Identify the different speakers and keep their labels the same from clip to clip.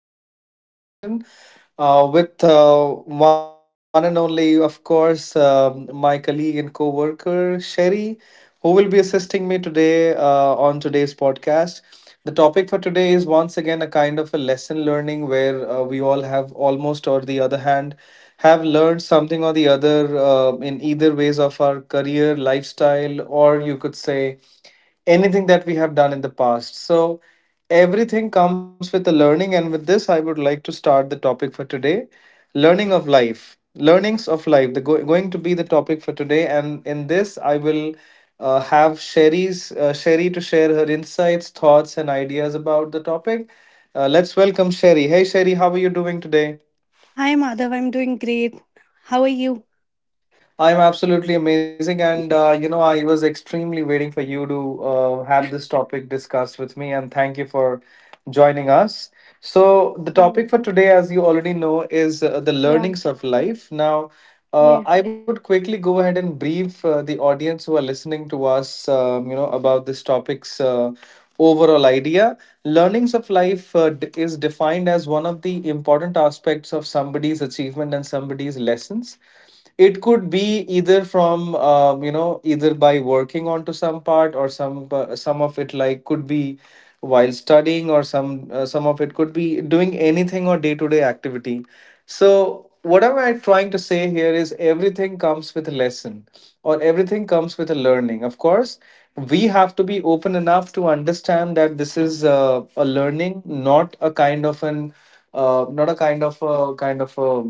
Speaker 1: series of conversation with one and only, of course, my colleague and co-worker Sherry, who will be assisting me today on today's podcast. The topic for today is once again a kind of a lesson learning where we all have almost or the other hand have learned something or the other in either ways of our career, lifestyle, or you could say anything that we have done in the past. So everything comes with the learning, and with this, I would like to start the topic for today learning of life. Learnings of life, the going to be the topic for today, and in this, I will have Sherry to share her insights, thoughts, and ideas about the topic. Let's welcome Sherry. Hey, Sherry, how are you doing today?
Speaker 2: Hi, Madhav. I'm doing great. How are you?
Speaker 1: I'm absolutely amazing, and I was extremely waiting for you to have this topic discussed with me, and thank you for joining us. So, the
Speaker 2: Yeah,
Speaker 1: topic for today, as you already know, is the
Speaker 2: yeah,
Speaker 1: learnings of life. Now,
Speaker 2: yeah.
Speaker 1: I would quickly go ahead and brief the audience who are listening to us, about this topic's overall idea. Learnings of life is defined as one of the important aspects of somebody's achievement and somebody's lessons. It could be either from either by working onto some part or some of it, like could be while studying, or some of it could be doing anything or day to day activity. So what am I trying to say here is everything comes with a lesson, or everything comes with a learning. Of course, we have to be open enough to understand that this is a learning, not a kind of an not a kind of a kind of a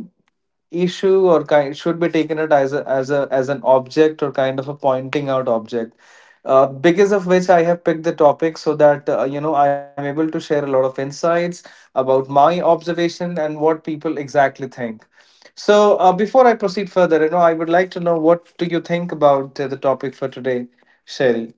Speaker 1: issue, or kind should be taken it as a, as a as an object or kind of a pointing out object, because of which I have picked the topic, so that I'm able to share a lot of insights about my observation and what people exactly think. So before I proceed further, you know, I would like to know what do you think about the topic for today, Sherry?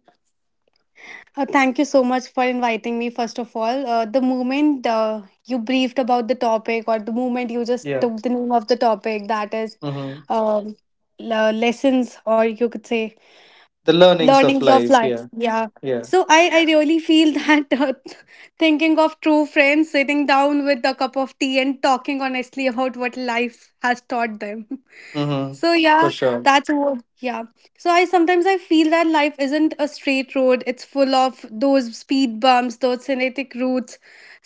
Speaker 2: Thank you so much for inviting me, first of all. The moment you briefed about the topic, or the moment you
Speaker 1: Yeah.
Speaker 2: just took the name of the topic, that is
Speaker 1: mm-hmm.
Speaker 2: um, lessons, or you could say
Speaker 1: The learnings of
Speaker 2: learnings of
Speaker 1: life,
Speaker 2: life.
Speaker 1: yeah.
Speaker 2: Yeah,
Speaker 1: Yeah.
Speaker 2: so I really feel that thinking of true friends sitting down with a cup of tea and talking honestly about what life has taught them.
Speaker 1: mm-hmm.
Speaker 2: So
Speaker 1: For
Speaker 2: yeah,
Speaker 1: sure.
Speaker 2: that's what. Yeah, so I sometimes I feel that life isn't a straight road. It's full of those speed bumps, those genetic routes.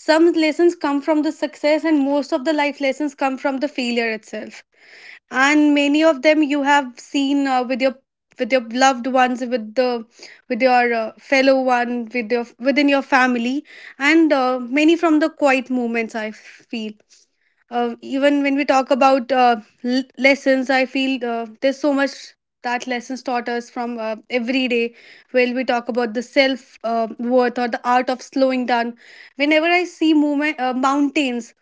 Speaker 2: Some lessons come from the success, and most of the life lessons come from the failure itself. And many of them you have seen with your loved ones, with the with your fellow one, with your within your family. And many from the quiet moments, I feel. Uh, even when we talk about lessons, I feel there's so much that lessons taught us from every day. When we talk about the self worth or the art of slowing down, whenever I see movement, mountains,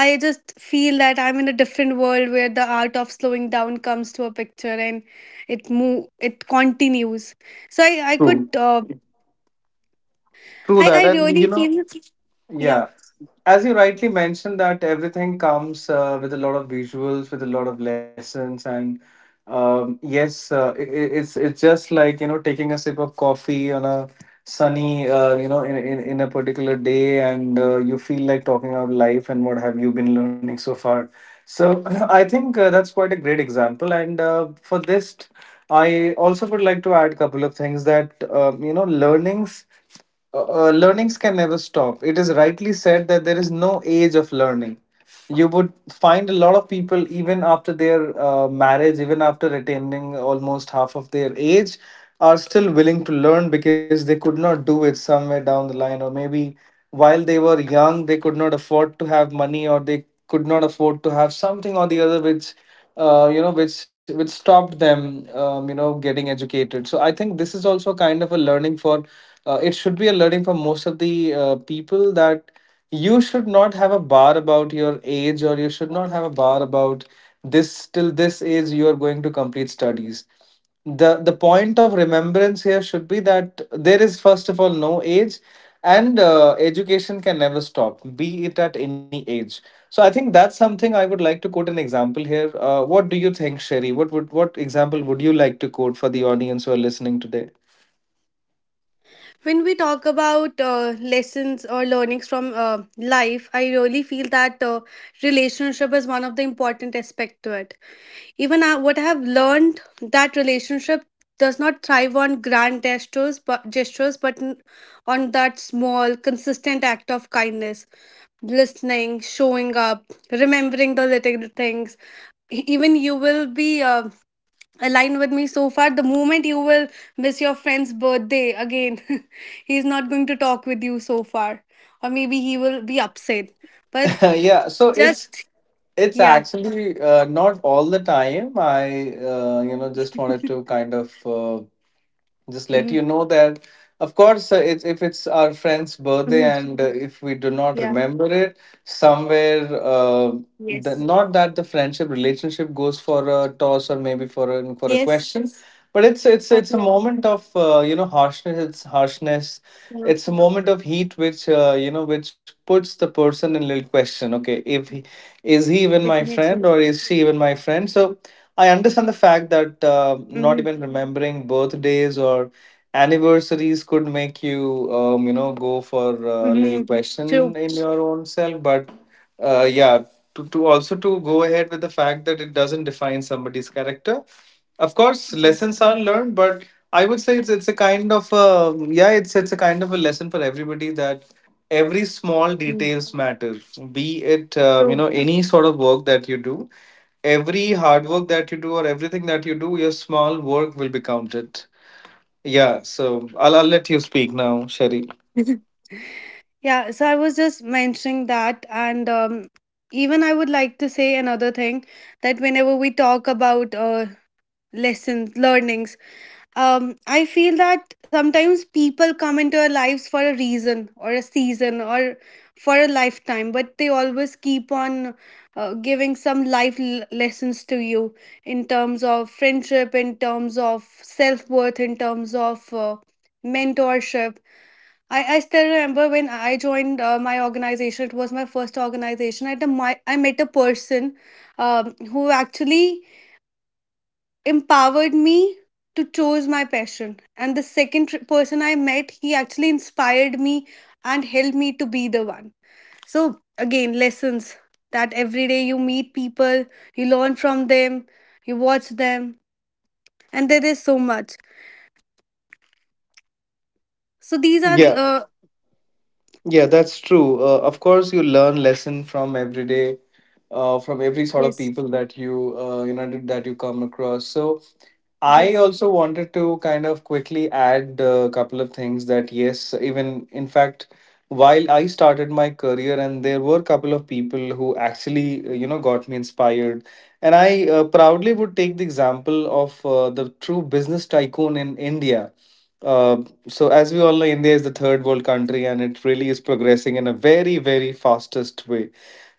Speaker 2: I just feel that I'm in a different world where the art of slowing down comes to a picture, and it move it continues. So I could
Speaker 1: True. True
Speaker 2: I
Speaker 1: that, and
Speaker 2: really
Speaker 1: you know.
Speaker 2: feel, yeah.
Speaker 1: Yeah. As you rightly mentioned, that everything comes with a lot of visuals, with a lot of lessons, and yes, it's just like, you know, taking a sip of coffee on a sunny, in a particular day, and you feel like talking about life and what have you been learning so far. So I think that's quite a great example, and for this, I also would like to add a couple of things, that learnings learnings can never stop. It is rightly said that there is no age of learning. You would find a lot of people even after their marriage, even after attaining almost half of their age, are still willing to learn, because they could not do it somewhere down the line, or maybe while they were young they could not afford to have money, or they could not afford to have something or the other, which which stopped them getting educated. So I think this is also kind of a learning for it should be a learning for most of the people, that you should not have a bar about your age, or you should not have a bar about this till this age you are going to complete studies. The point of remembrance here should be that there is, first of all, no age, and education can never stop, be it at any age. So I think that's something I would like to quote an example here. What do you think, Sherry? What example would you like to quote for the audience who are listening today?
Speaker 2: When we talk about lessons or learnings from life, I really feel that relationship is one of the important aspect to it. Even I, what I have learned, that relationship does not thrive on grand gestures, but on that small, consistent act of kindness, listening, showing up, remembering the little things. Even you will be aligned with me so far. The moment you will miss your friend's birthday again he's not going to talk with you so far, or maybe he will be upset, but
Speaker 1: Yeah, so it's
Speaker 2: just.
Speaker 1: it's
Speaker 2: Yeah.
Speaker 1: actually not all the time. I just wanted to kind of just let
Speaker 2: Hmm.
Speaker 1: you know that of course it's, if it's our friend's birthday
Speaker 2: Hmm.
Speaker 1: and if we do not
Speaker 2: Yeah.
Speaker 1: remember it somewhere, the,
Speaker 2: Yes.
Speaker 1: not that the friendship relationship goes for a toss or maybe for a,
Speaker 2: Yes.
Speaker 1: question, but it's it's
Speaker 2: But
Speaker 1: it's a
Speaker 2: yeah,
Speaker 1: moment of harshness, it's harshness,
Speaker 2: yeah.
Speaker 1: it's a moment of heat, which which puts the person in little question. Okay, if he is, he even my friend,
Speaker 2: Definitely.
Speaker 1: or is she even my friend? So I understand the fact that not
Speaker 2: Hmm.
Speaker 1: even remembering birthdays or anniversaries could make you, go for a little
Speaker 2: Hmm. True.
Speaker 1: question in your own self. But yeah, to also to go ahead with the fact that it doesn't define somebody's character. Of course,
Speaker 2: Yes.
Speaker 1: lessons are learned, but I would say it's a kind of a, yeah, it's a kind of a lesson for everybody that every small
Speaker 2: Mm.
Speaker 1: details matter. Be it
Speaker 2: True.
Speaker 1: any sort of work that you do, every hard work that you do, or everything that you do, your small work will be counted. Yeah, so I'll let you speak now, Sherry.
Speaker 2: Yeah, so I was just mentioning that, and even I would like to say another thing, that whenever we talk about lessons, learnings. I feel that sometimes people come into our lives for a reason or a season or for a lifetime, but they always keep on giving some life lessons to you in terms of friendship, in terms of self worth, in terms of mentorship. I still remember when I joined my organization, it was my first organization. I met a person who actually empowered me to choose my passion, and the second person I met, he actually inspired me and helped me to be the one. So again, lessons. That every day you meet people, you learn from them, you watch them, and there is so much. So these are
Speaker 1: Yeah,
Speaker 2: uh,
Speaker 1: yeah, that's true. Of course, you learn lesson from every day, from every sort of
Speaker 2: yes.
Speaker 1: people that you, that you come across. So I
Speaker 2: Yes.
Speaker 1: also wanted to kind of quickly add a couple of things, that yes, even in fact, while I started my career, and there were a couple of people who actually, got me inspired. And I proudly would take the example of the true business tycoon in India. Uh, so as we all know, India is the third world country, and it really is progressing in a very, very fastest way,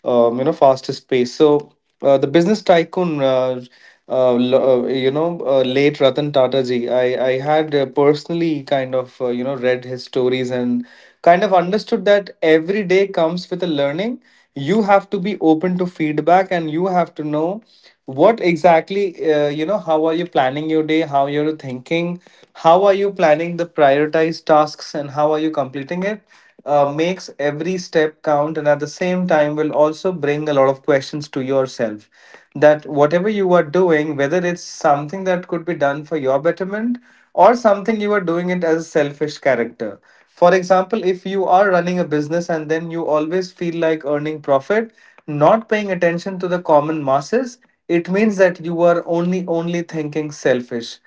Speaker 1: fastest pace. So the business tycoon, lo- you know, late Ratan Tata ji, I had personally kind of read his stories and kind of understood that every day comes with a learning. You have to be open to feedback, and you have to know what exactly how are you planning your day, how you're thinking, how are you planning the prioritized tasks and how are you completing it makes every step count, and at the same time will also bring a lot of questions to yourself, that whatever you are doing, whether it's something that could be done for your betterment, or something you are doing it as a selfish character. For example, if you are running a business and then you always feel like earning profit, not paying attention to the common masses, it means that you are only thinking selfish.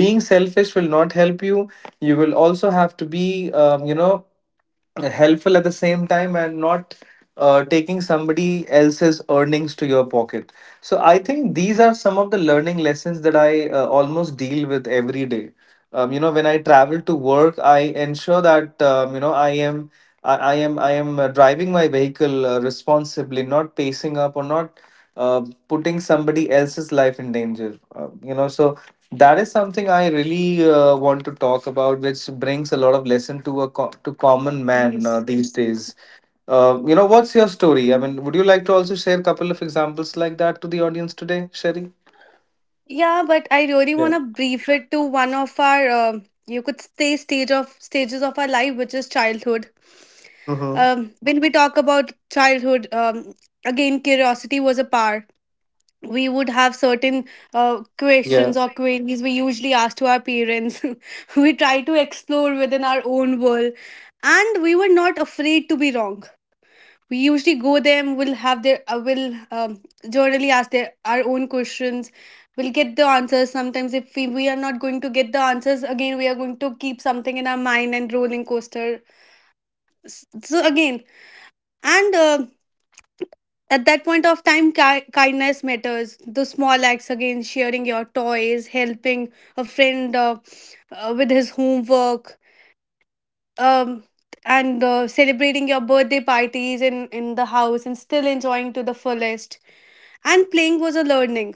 Speaker 1: Being selfish will not help you. You will also have to be helpful at the same time and not taking somebody else's earnings to your pocket. So I think these are some of the learning lessons that I almost deal with every day. When I travel to work, I ensure that I am driving my vehicle responsibly, not pacing up or not uh putting somebody else's life in danger, so that is something I really want to talk about, which brings a lot of lesson to a to common man
Speaker 2: Yes.
Speaker 1: these days. What's your story? I mean, would you like to also share a couple of examples like that to the audience today, Sherry?
Speaker 2: Yeah, but I really
Speaker 1: Yeah.
Speaker 2: want to brief it to one of our um, you could say stage of stages of our life, which is childhood.
Speaker 1: mm-hmm.
Speaker 2: When we talk about childhood, again, curiosity was a part. We would have certain
Speaker 1: Yeah,
Speaker 2: questions or queries we usually ask to our parents. We try to explore within our own world, and we were not afraid to be wrong. We usually go there, and we'll have their, will generally ask their our own questions. We'll get the answers. Sometimes, if we are not going to get the answers, again, we are going to keep something in our mind and rolling coaster. So, again, and at that point of time, kindness matters. The small acts again, sharing your toys, helping a friend with his homework, um, and celebrating your birthday parties in the house and still enjoying to the fullest. And playing was a learning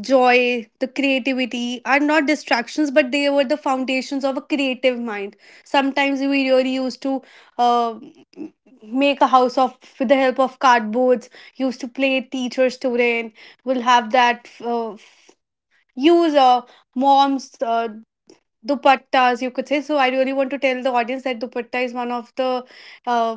Speaker 2: joy. The creativity are not distractions, but they were the foundations of a creative mind. Sometimes we really used to uh, make a house of with the help of cardboards. Used to play teacher student. We'll have that. Use mom's dupattas, you could say. So I really want to tell the audience that dupatta is one of the uh,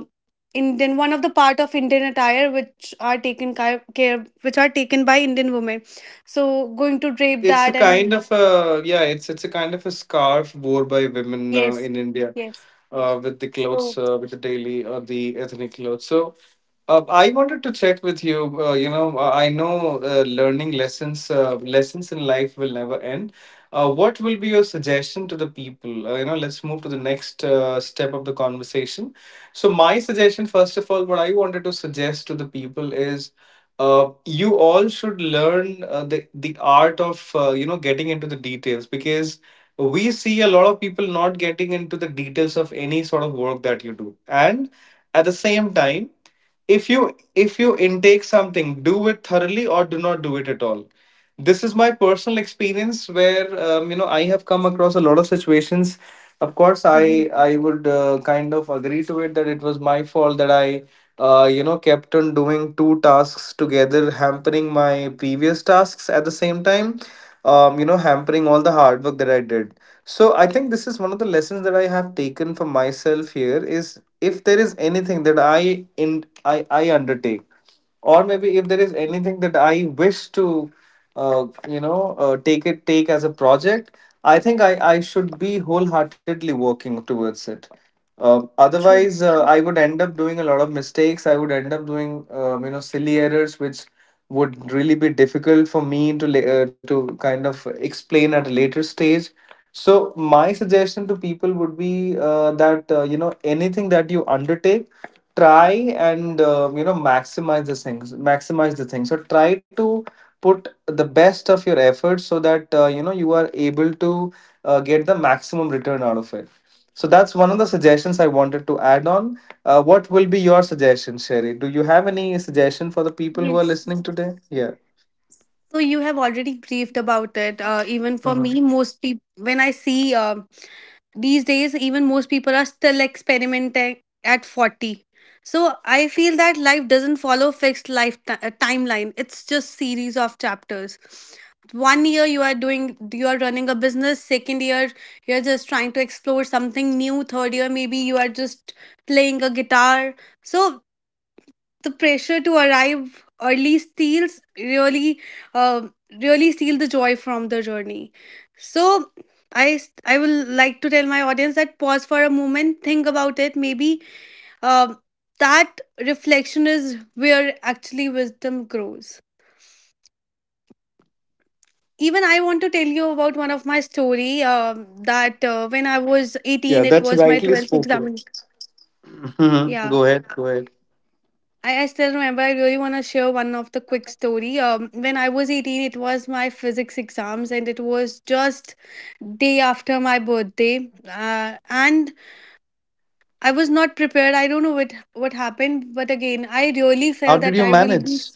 Speaker 2: Indian, one of the part of Indian attire, which are taken care, which are taken by Indian women. So going to drape
Speaker 1: it's a
Speaker 2: that and
Speaker 1: kind of a, yeah, it's a kind of a scarf worn by women
Speaker 2: yes.
Speaker 1: in India,
Speaker 2: Yes.
Speaker 1: with the clothes,
Speaker 2: So
Speaker 1: with the daily or the ethnic clothes. So uh, I wanted to check with you. I know lessons in life will never end. What will be your suggestion to the people? Let's move to the next step of the conversation. So, my suggestion, first of all, what I wanted to suggest to the people is, you all should learn the art of getting into the details, because we see a lot of people not getting into the details of any sort of work that you do, and at the same time, if you intake something, do it thoroughly or do not do it at all. This is my personal experience where I have come across a lot of situations. Of course,
Speaker 2: Mhm.
Speaker 1: I would kind of agree to it that it was my fault that I kept on doing two tasks together, hampering my previous tasks at the same time, hampering all the hard work that I did. So I think this is one of the lessons that I have taken for myself here is, if there is anything that I undertake, or maybe if there is anything that I wish to, take it take as a project, I think I should be wholeheartedly working towards it. Um,
Speaker 2: True.
Speaker 1: otherwise, uh, I would end up doing a lot of mistakes. I would end up doing silly errors, which would really be difficult for me to to kind of explain at a later stage. So my suggestion to people would be that anything that you undertake, try and maximize the thing, so try to put the best of your effort so that you are able to get the maximum return out of it. So that's one of the suggestions I wanted to add on. What will be your suggestion, Sherry? Do you have any suggestion for the people who are listening
Speaker 2: Yes.
Speaker 1: today? Yeah.
Speaker 2: So you have already briefed about it. Uh, even for me,
Speaker 1: Mhm.
Speaker 2: most people when I see um, these days, even most people are still experimenting at 40. So I feel that life doesn't follow fixed life timeline. It's just series of chapters. One year you are doing, you are running a business, second year you are just trying to explore something new, third year maybe you are just playing a guitar. So the pressure to arrive early steals really uh, really steal the joy from the journey. So I will like to tell my audience that pause for a moment, think about it. Maybe um that reflection is where actually wisdom grows. Even I want to tell you about one of my story that when I was
Speaker 1: Yeah,
Speaker 2: 18 it
Speaker 1: that's
Speaker 2: was my
Speaker 1: rightly
Speaker 2: 12th
Speaker 1: spoken.
Speaker 2: examination.
Speaker 1: Mhm.
Speaker 2: Yeah,
Speaker 1: Go ahead, go ahead.
Speaker 2: I still remember. I really want to share one of the quick story. When I was 18, it was my physics exams, and it was just day after my birthday. And I was not prepared. I don't know what happened, but again, I really
Speaker 1: How
Speaker 2: felt
Speaker 1: did
Speaker 2: that
Speaker 1: you
Speaker 2: I will
Speaker 1: manage?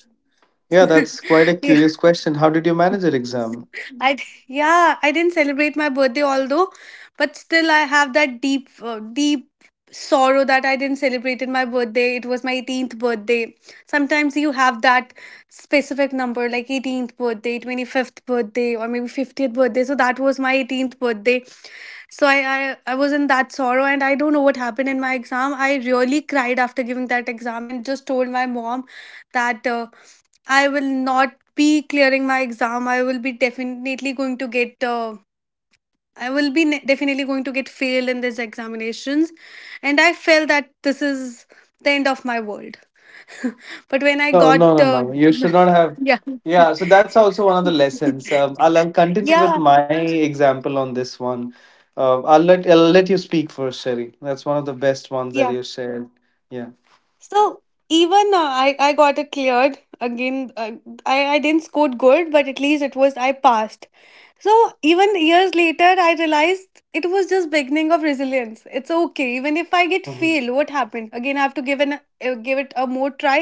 Speaker 1: Yeah, that's quite a
Speaker 2: be.
Speaker 1: curious question. How did you manage your exam?
Speaker 2: Yeah, I didn't celebrate my birthday although, but still I have that deep sorrow that I didn't celebrated my birthday. It was my 18th birthday. Sometimes you have that specific number like 18th birthday, 25th birthday or maybe 50th birthday. So that was my 18th birthday. So I was in that sorrow, and I don't know what happened in my exam. I really cried after giving that exam and just told my mom that I will not be clearing my exam. I will be definitely going to get. I will be ne- Definitely going to get failed in these examinations, and I felt that this is the end of my world. But when I
Speaker 1: No,
Speaker 2: got,
Speaker 1: no, no, no. You should not have.
Speaker 2: yeah,
Speaker 1: Yeah, so that's also one of the lessons. I'll continue with
Speaker 2: yeah,
Speaker 1: my example on this one. I'll let you speak first, Sherry. That's one of the best ones that
Speaker 2: yeah.
Speaker 1: you shared. Yeah.
Speaker 2: So even I got it cleared again. I didn't score good, but at least it was I passed. So even years later, I realized it was just beginning of resilience. It's okay, even if I get
Speaker 1: Mm-hmm.
Speaker 2: fail. What happened? Again, I have to give an give it a more try,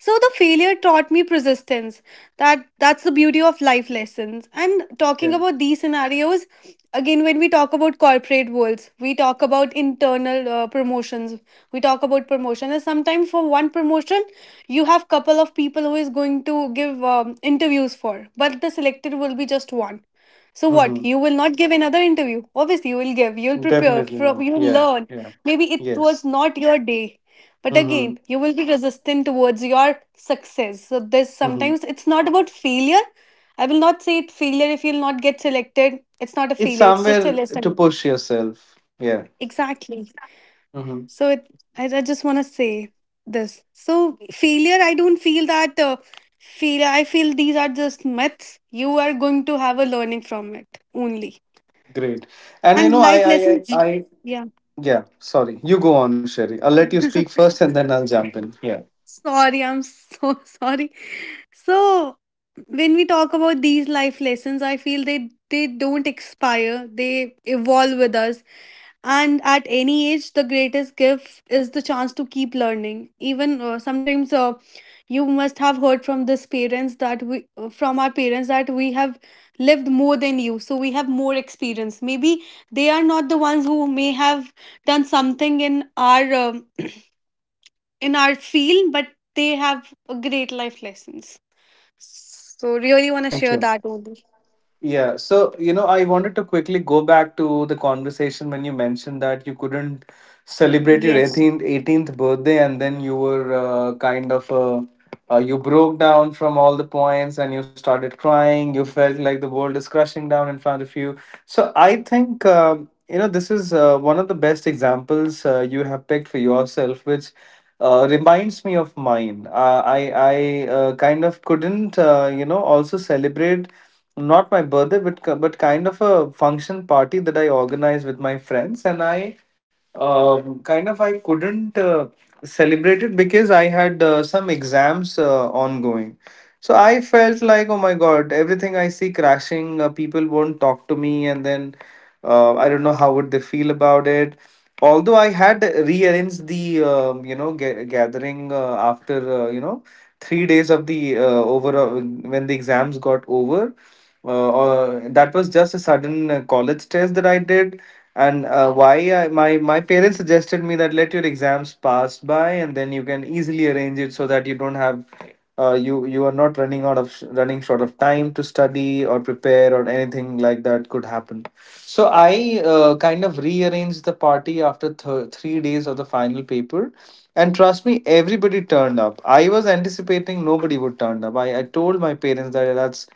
Speaker 2: so the failure taught me persistence. That that's the beauty of life lessons. And talking
Speaker 1: Yeah.
Speaker 2: about these scenarios, again, when we talk about corporate worlds, we talk about internal promotions. We talk about promotion, and sometimes for one promotion, you have couple of people who is going to give interviews for, but the selected will be just one. So
Speaker 1: Mm-hmm.
Speaker 2: what? You will not give another interview. Obviously, you will give. You will prepare.
Speaker 1: Definitely
Speaker 2: From
Speaker 1: not.
Speaker 2: you will
Speaker 1: Yeah.
Speaker 2: learn.
Speaker 1: Yeah.
Speaker 2: Maybe it was
Speaker 1: Yes.
Speaker 2: not your day, but
Speaker 1: Mm-hmm.
Speaker 2: again you will be resistant towards your success. So this,
Speaker 1: Mm-hmm.
Speaker 2: sometimes it's not about failure. I will not say it failure. If you'll not get selected, it's not a
Speaker 1: It's
Speaker 2: failure, it's just a
Speaker 1: somewhere to
Speaker 2: lesson.
Speaker 1: push yourself. Yeah.
Speaker 2: Exactly.
Speaker 1: Mm-hmm.
Speaker 2: So it, I just want to say this. So failure, I don't feel that failure, I feel these are just myths. You are going to have a learning from it only,
Speaker 1: Great. And
Speaker 2: and life lessons, yeah.
Speaker 1: yeah. Sorry, you go on, Sherry. I'll let you speak first, and then I'll jump in. Yeah.
Speaker 2: Sorry, I'm so sorry. So when we talk about these life lessons, I feel they don't expire. They evolve with us. And at any age, the greatest gift is the chance to keep learning. Even sometimes, you must have heard from this parents that we from our parents that we have lived more than you, so we have more experience. Maybe they are not the ones who may have done something in our um, in our field, but they have a great life lessons. So really want to
Speaker 1: Thank
Speaker 2: share
Speaker 1: you.
Speaker 2: that only.
Speaker 1: Yeah, so I wanted to quickly go back to the conversation when you mentioned that you couldn't celebrate your
Speaker 2: Yes.
Speaker 1: 18th birthday, and then you were kind of you broke down from all the points and you started crying. You felt like the world is crashing down in front of you. So I think this is one of the best examples you have picked for yourself, which reminds me of mine. I kind of couldn't also celebrate not my birthday, but but kind of a function party that I organized with my friends, and I kind of I couldn't celebrate it because I had some exams ongoing. So I felt like, oh my god, everything I see crashing, people won't talk to me, and then I don't know how would they feel about it, although I had rearranged the gathering after 3 days of the over, when the exams got over. Or that was just a sudden college test that I did. And why I, my parents suggested me that, let your exams pass by and then you can easily arrange it so that you don't have you are not running short of time to study or prepare or anything like that could happen. So I kind of rearranged the party after 3 days of the final paper. And trust me, everybody turned up. I was anticipating nobody would turn up. I told my parents that that's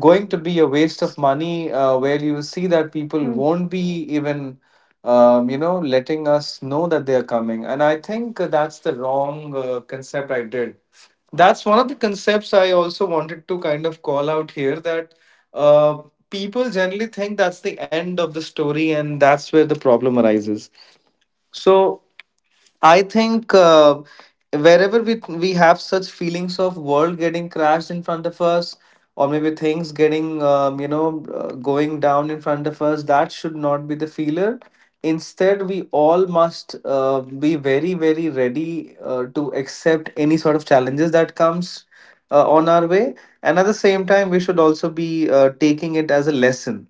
Speaker 1: going to be a waste of money, where you see that people
Speaker 2: Mm.
Speaker 1: won't be even letting us know that they are coming. And I think that's the wrong concept I did. That's one of the concepts I also wanted to kind of call out here, that uh, people generally think that's the end of the story, and that's where the problem arises. So I think wherever we have such feelings of world getting crashed in front of us, or maybe things getting going down in front of us, that should not be the feeler. Instead, we all must be very very ready to accept any sort of challenges that comes on our way, and at the same time, we should also be taking it as a lesson.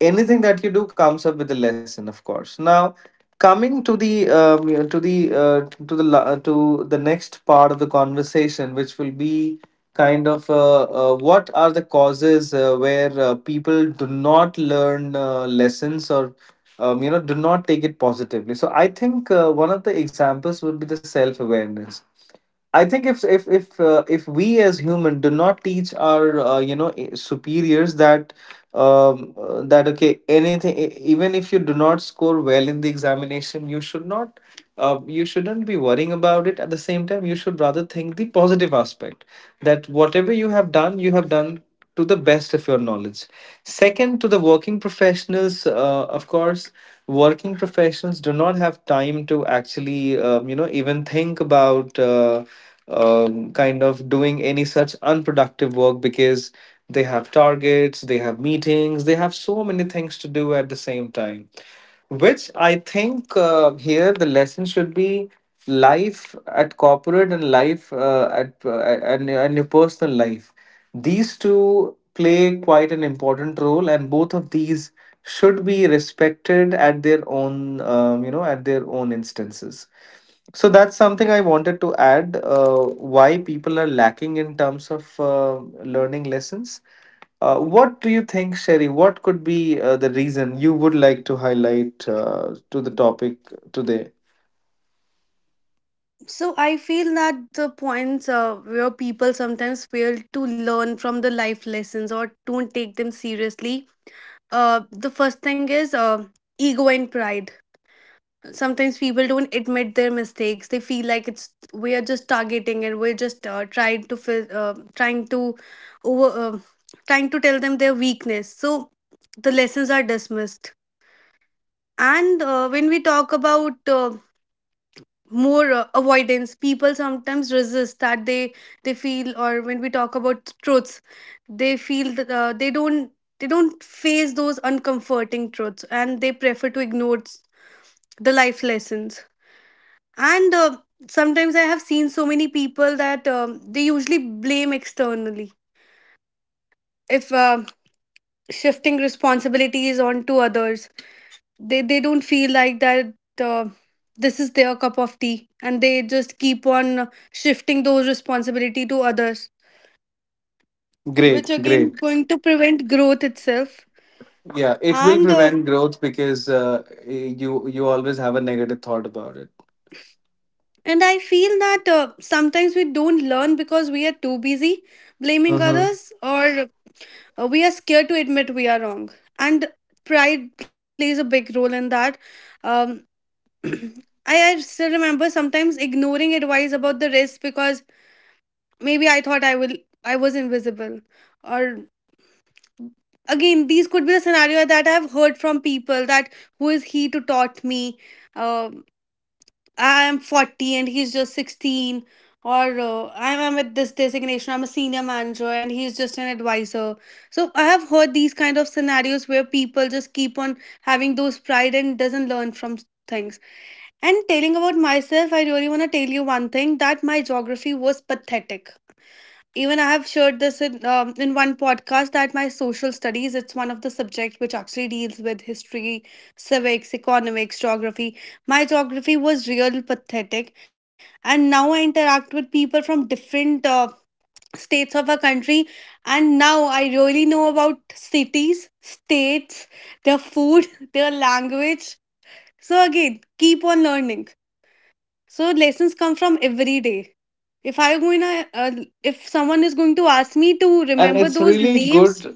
Speaker 1: Anything that you do comes up with a lesson. Of course, now coming to the to the to the next part of the conversation, which will be kind of what are the causes where people do not learn lessons or do not take it positively. So I think one of the examples would be the self awareness. I think if we as human do not teach our superiors that that okay, anything even if you do not score well in the examination, you should not you shouldn't be worrying about it. At the same time, you should rather think the positive aspect that whatever you have done to the best of your knowledge. Second, to the working professionals, of course, working professionals do not have time to actually even think about kind of doing any such unproductive work, because they have targets, they have meetings, they have so many things to do at the same time, which I think here the lesson should be, life at corporate and life and your personal life, these two play quite an important role, and both of these should be respected at their own at their own instances. So that's something I wanted to add. Why people are lacking in terms of learning lessons. What do you think, Sherry? What could be the reason you would like to highlight to the topic today?
Speaker 2: So I feel that the points where people sometimes fail to learn from the life lessons or don't take them seriously. The first thing is ego and pride. Sometimes people don't admit their mistakes. They feel like it's we are just targeting, and we're just trying to over trying to tell them their weakness. So the lessons are dismissed. And When we talk about more avoidance, people sometimes resist that they feel, or when we talk about truths, they feel that they don't face those uncomforting truths, and they prefer to the life lessons. And Sometimes I have seen so many people that they usually blame externally, if shifting responsibilities onto others. They don't feel like that uh, this is their cup of tea, and they just keep on shifting those responsibility to others,
Speaker 1: Great,
Speaker 2: which
Speaker 1: great.
Speaker 2: again going to prevent growth itself.
Speaker 1: Yeah, it will
Speaker 2: and uh,
Speaker 1: prevent growth because you always have a negative thought about it.
Speaker 2: and I feel that sometimes we don't learn because we are too busy blaming
Speaker 1: Hmm.
Speaker 2: others, or we are scared to admit we are wrong, and pride plays a big role in that. um I still remember sometimes ignoring advice about the risk, because maybe I thought I will, I was invisible. Or again, these could be the scenario that I've heard from people that, who is he to taught me? Um I am 40 and he's just 16. Or I'm at this designation, I'm a senior manager and he's just an advisor. So I have heard these kind of scenarios where people just keep on having those pride and doesn't learn from things. And telling about myself, I really want to tell you one thing, that my geography was pathetic. Even I have shared this in one podcast, that my social studies, it's one of the subject which actually deals with history, civics, economics, geography. My geography was real pathetic, and now I interact with people from different states of our country, and now I really know about cities, states, their food, their language. So again, keep on learning. So lessons come from every day. If I'm going to, if someone is going to ask me to
Speaker 1: And
Speaker 2: remember
Speaker 1: it's
Speaker 2: those
Speaker 1: really good.
Speaker 2: names,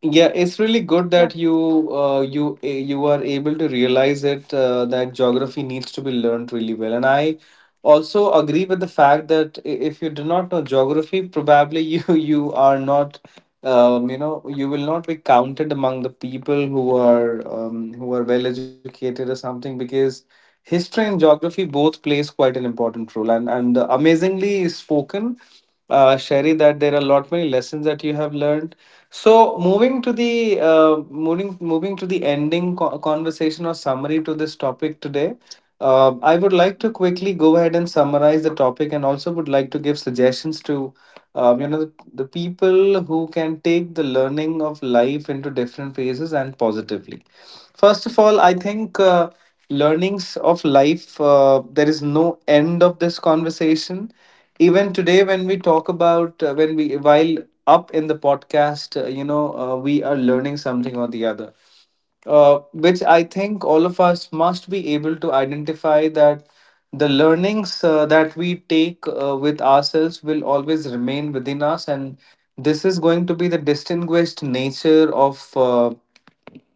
Speaker 1: Yeah, it's really good
Speaker 2: yeah.
Speaker 1: that you you are able to realize it, that geography needs to be learned really well. And I also agree with the fact that if you do not know geography, probably you you are not you will not be counted among the people who are well educated or something, because history and geography both plays quite an important role. And amazingly spoken, Sherry, that there are a lot many lessons that you have learned. So moving to the moving to the ending conversation or summary to this topic today, I would like to quickly go ahead and summarize the topic, and also would like to give suggestions to the people who can take the learning of life into different phases and positively. First of all, I think. Learnings of life, there is no end of this conversation. Even today, when we talk about when we while up in the podcast, we are learning something or the other, which I think all of us must be able to identify, that the learnings that we take with ourselves will always remain within us. And this is going to be the distinguished nature of uh,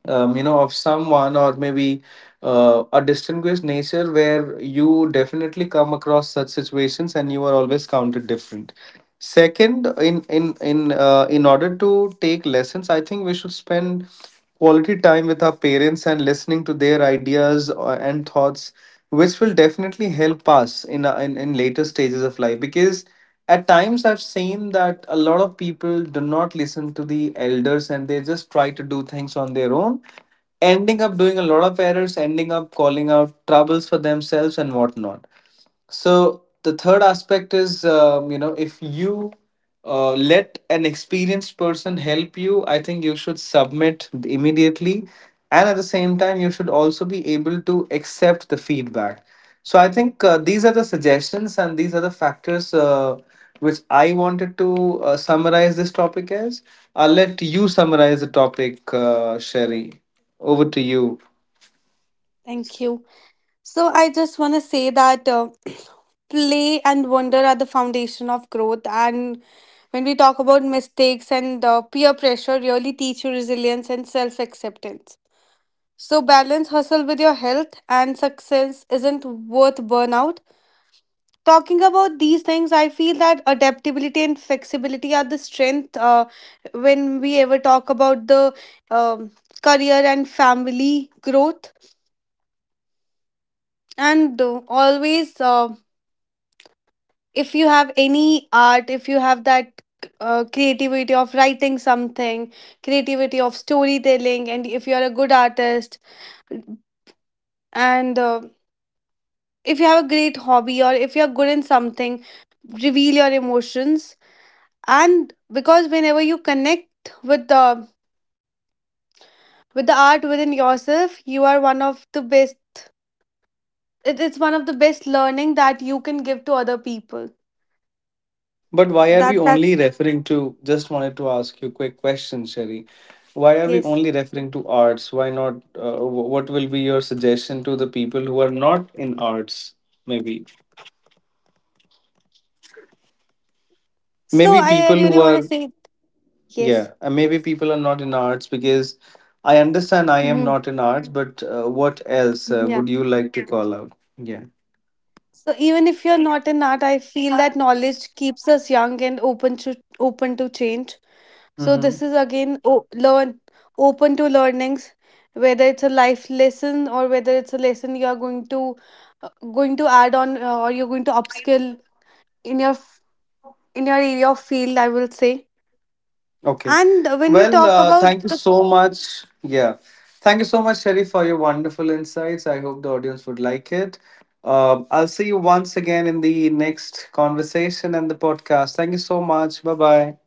Speaker 1: um, you know of someone, or maybe a distinguished nature where you definitely come across such situations and you are always counted different. Second, in order to take lessons, I think we should spend quality time with our parents and listening to their ideas and thoughts, which will definitely help us in, in later stages of life, because at times I've seen that a lot of people do not listen to the elders and they just try to do things on their own, ending up doing a lot of errors, ending up calling out troubles for themselves and whatnot. So the third aspect is, if you let an experienced person help you, I think you should submit immediately, and at the same time, you should also be able to accept the feedback. So I think these are the suggestions and these are the factors which I wanted to summarize this topic as. I'll let you summarize the topic, Sherry. Over to you.
Speaker 2: Thank you. So I just want to say that play and wonder are the foundation of growth. And when we talk about mistakes and peer pressure, really teach you resilience and self acceptance. So balance hustle with your health, and success isn't worth burnout. Talking about these things, I feel that adaptability and flexibility are the strength when we ever talk about the um, career and family growth. And always If you have any art, if you have that creativity of writing something, creativity of storytelling, and if you are a good artist, and if you have a great hobby or if you are good in something, reveal your emotions. And because whenever you connect with the, with the art within yourself, you are one of the best. It's one of the best learning that you can give to other people.
Speaker 1: But why are we
Speaker 2: That's
Speaker 1: only referring to? Just wanted to ask you a quick question, Sherry. Why are we
Speaker 2: yes.
Speaker 1: only referring to arts? Why not? What will be your suggestion to the people who are not in arts? Maybe,
Speaker 2: So
Speaker 1: maybe
Speaker 2: I
Speaker 1: people
Speaker 2: really
Speaker 1: who
Speaker 2: want to
Speaker 1: are
Speaker 2: say, yes.
Speaker 1: yeah, maybe people are not in arts because I understand I am
Speaker 2: Hmm.
Speaker 1: not in arts. But what else
Speaker 2: Yeah,
Speaker 1: would you like to call out? Yeah.
Speaker 2: so even if you're not in art, I feel that knowledge keeps us young and open to change. So
Speaker 1: Mm-hmm.
Speaker 2: this is again, learn, open to learnings, whether it's a life lesson or whether it's a lesson you are going to, going to add on, or you're going to upskill in your in your area of field, I will say.
Speaker 1: Okay.
Speaker 2: And when we
Speaker 1: Well,
Speaker 2: talk about
Speaker 1: thank you
Speaker 2: the,
Speaker 1: so much. Yeah. Thank you so much, Sherry, for your wonderful insights. I hope the audience would like it. I'll see you once again in the next conversation and the podcast. Thank you so much. Bye bye.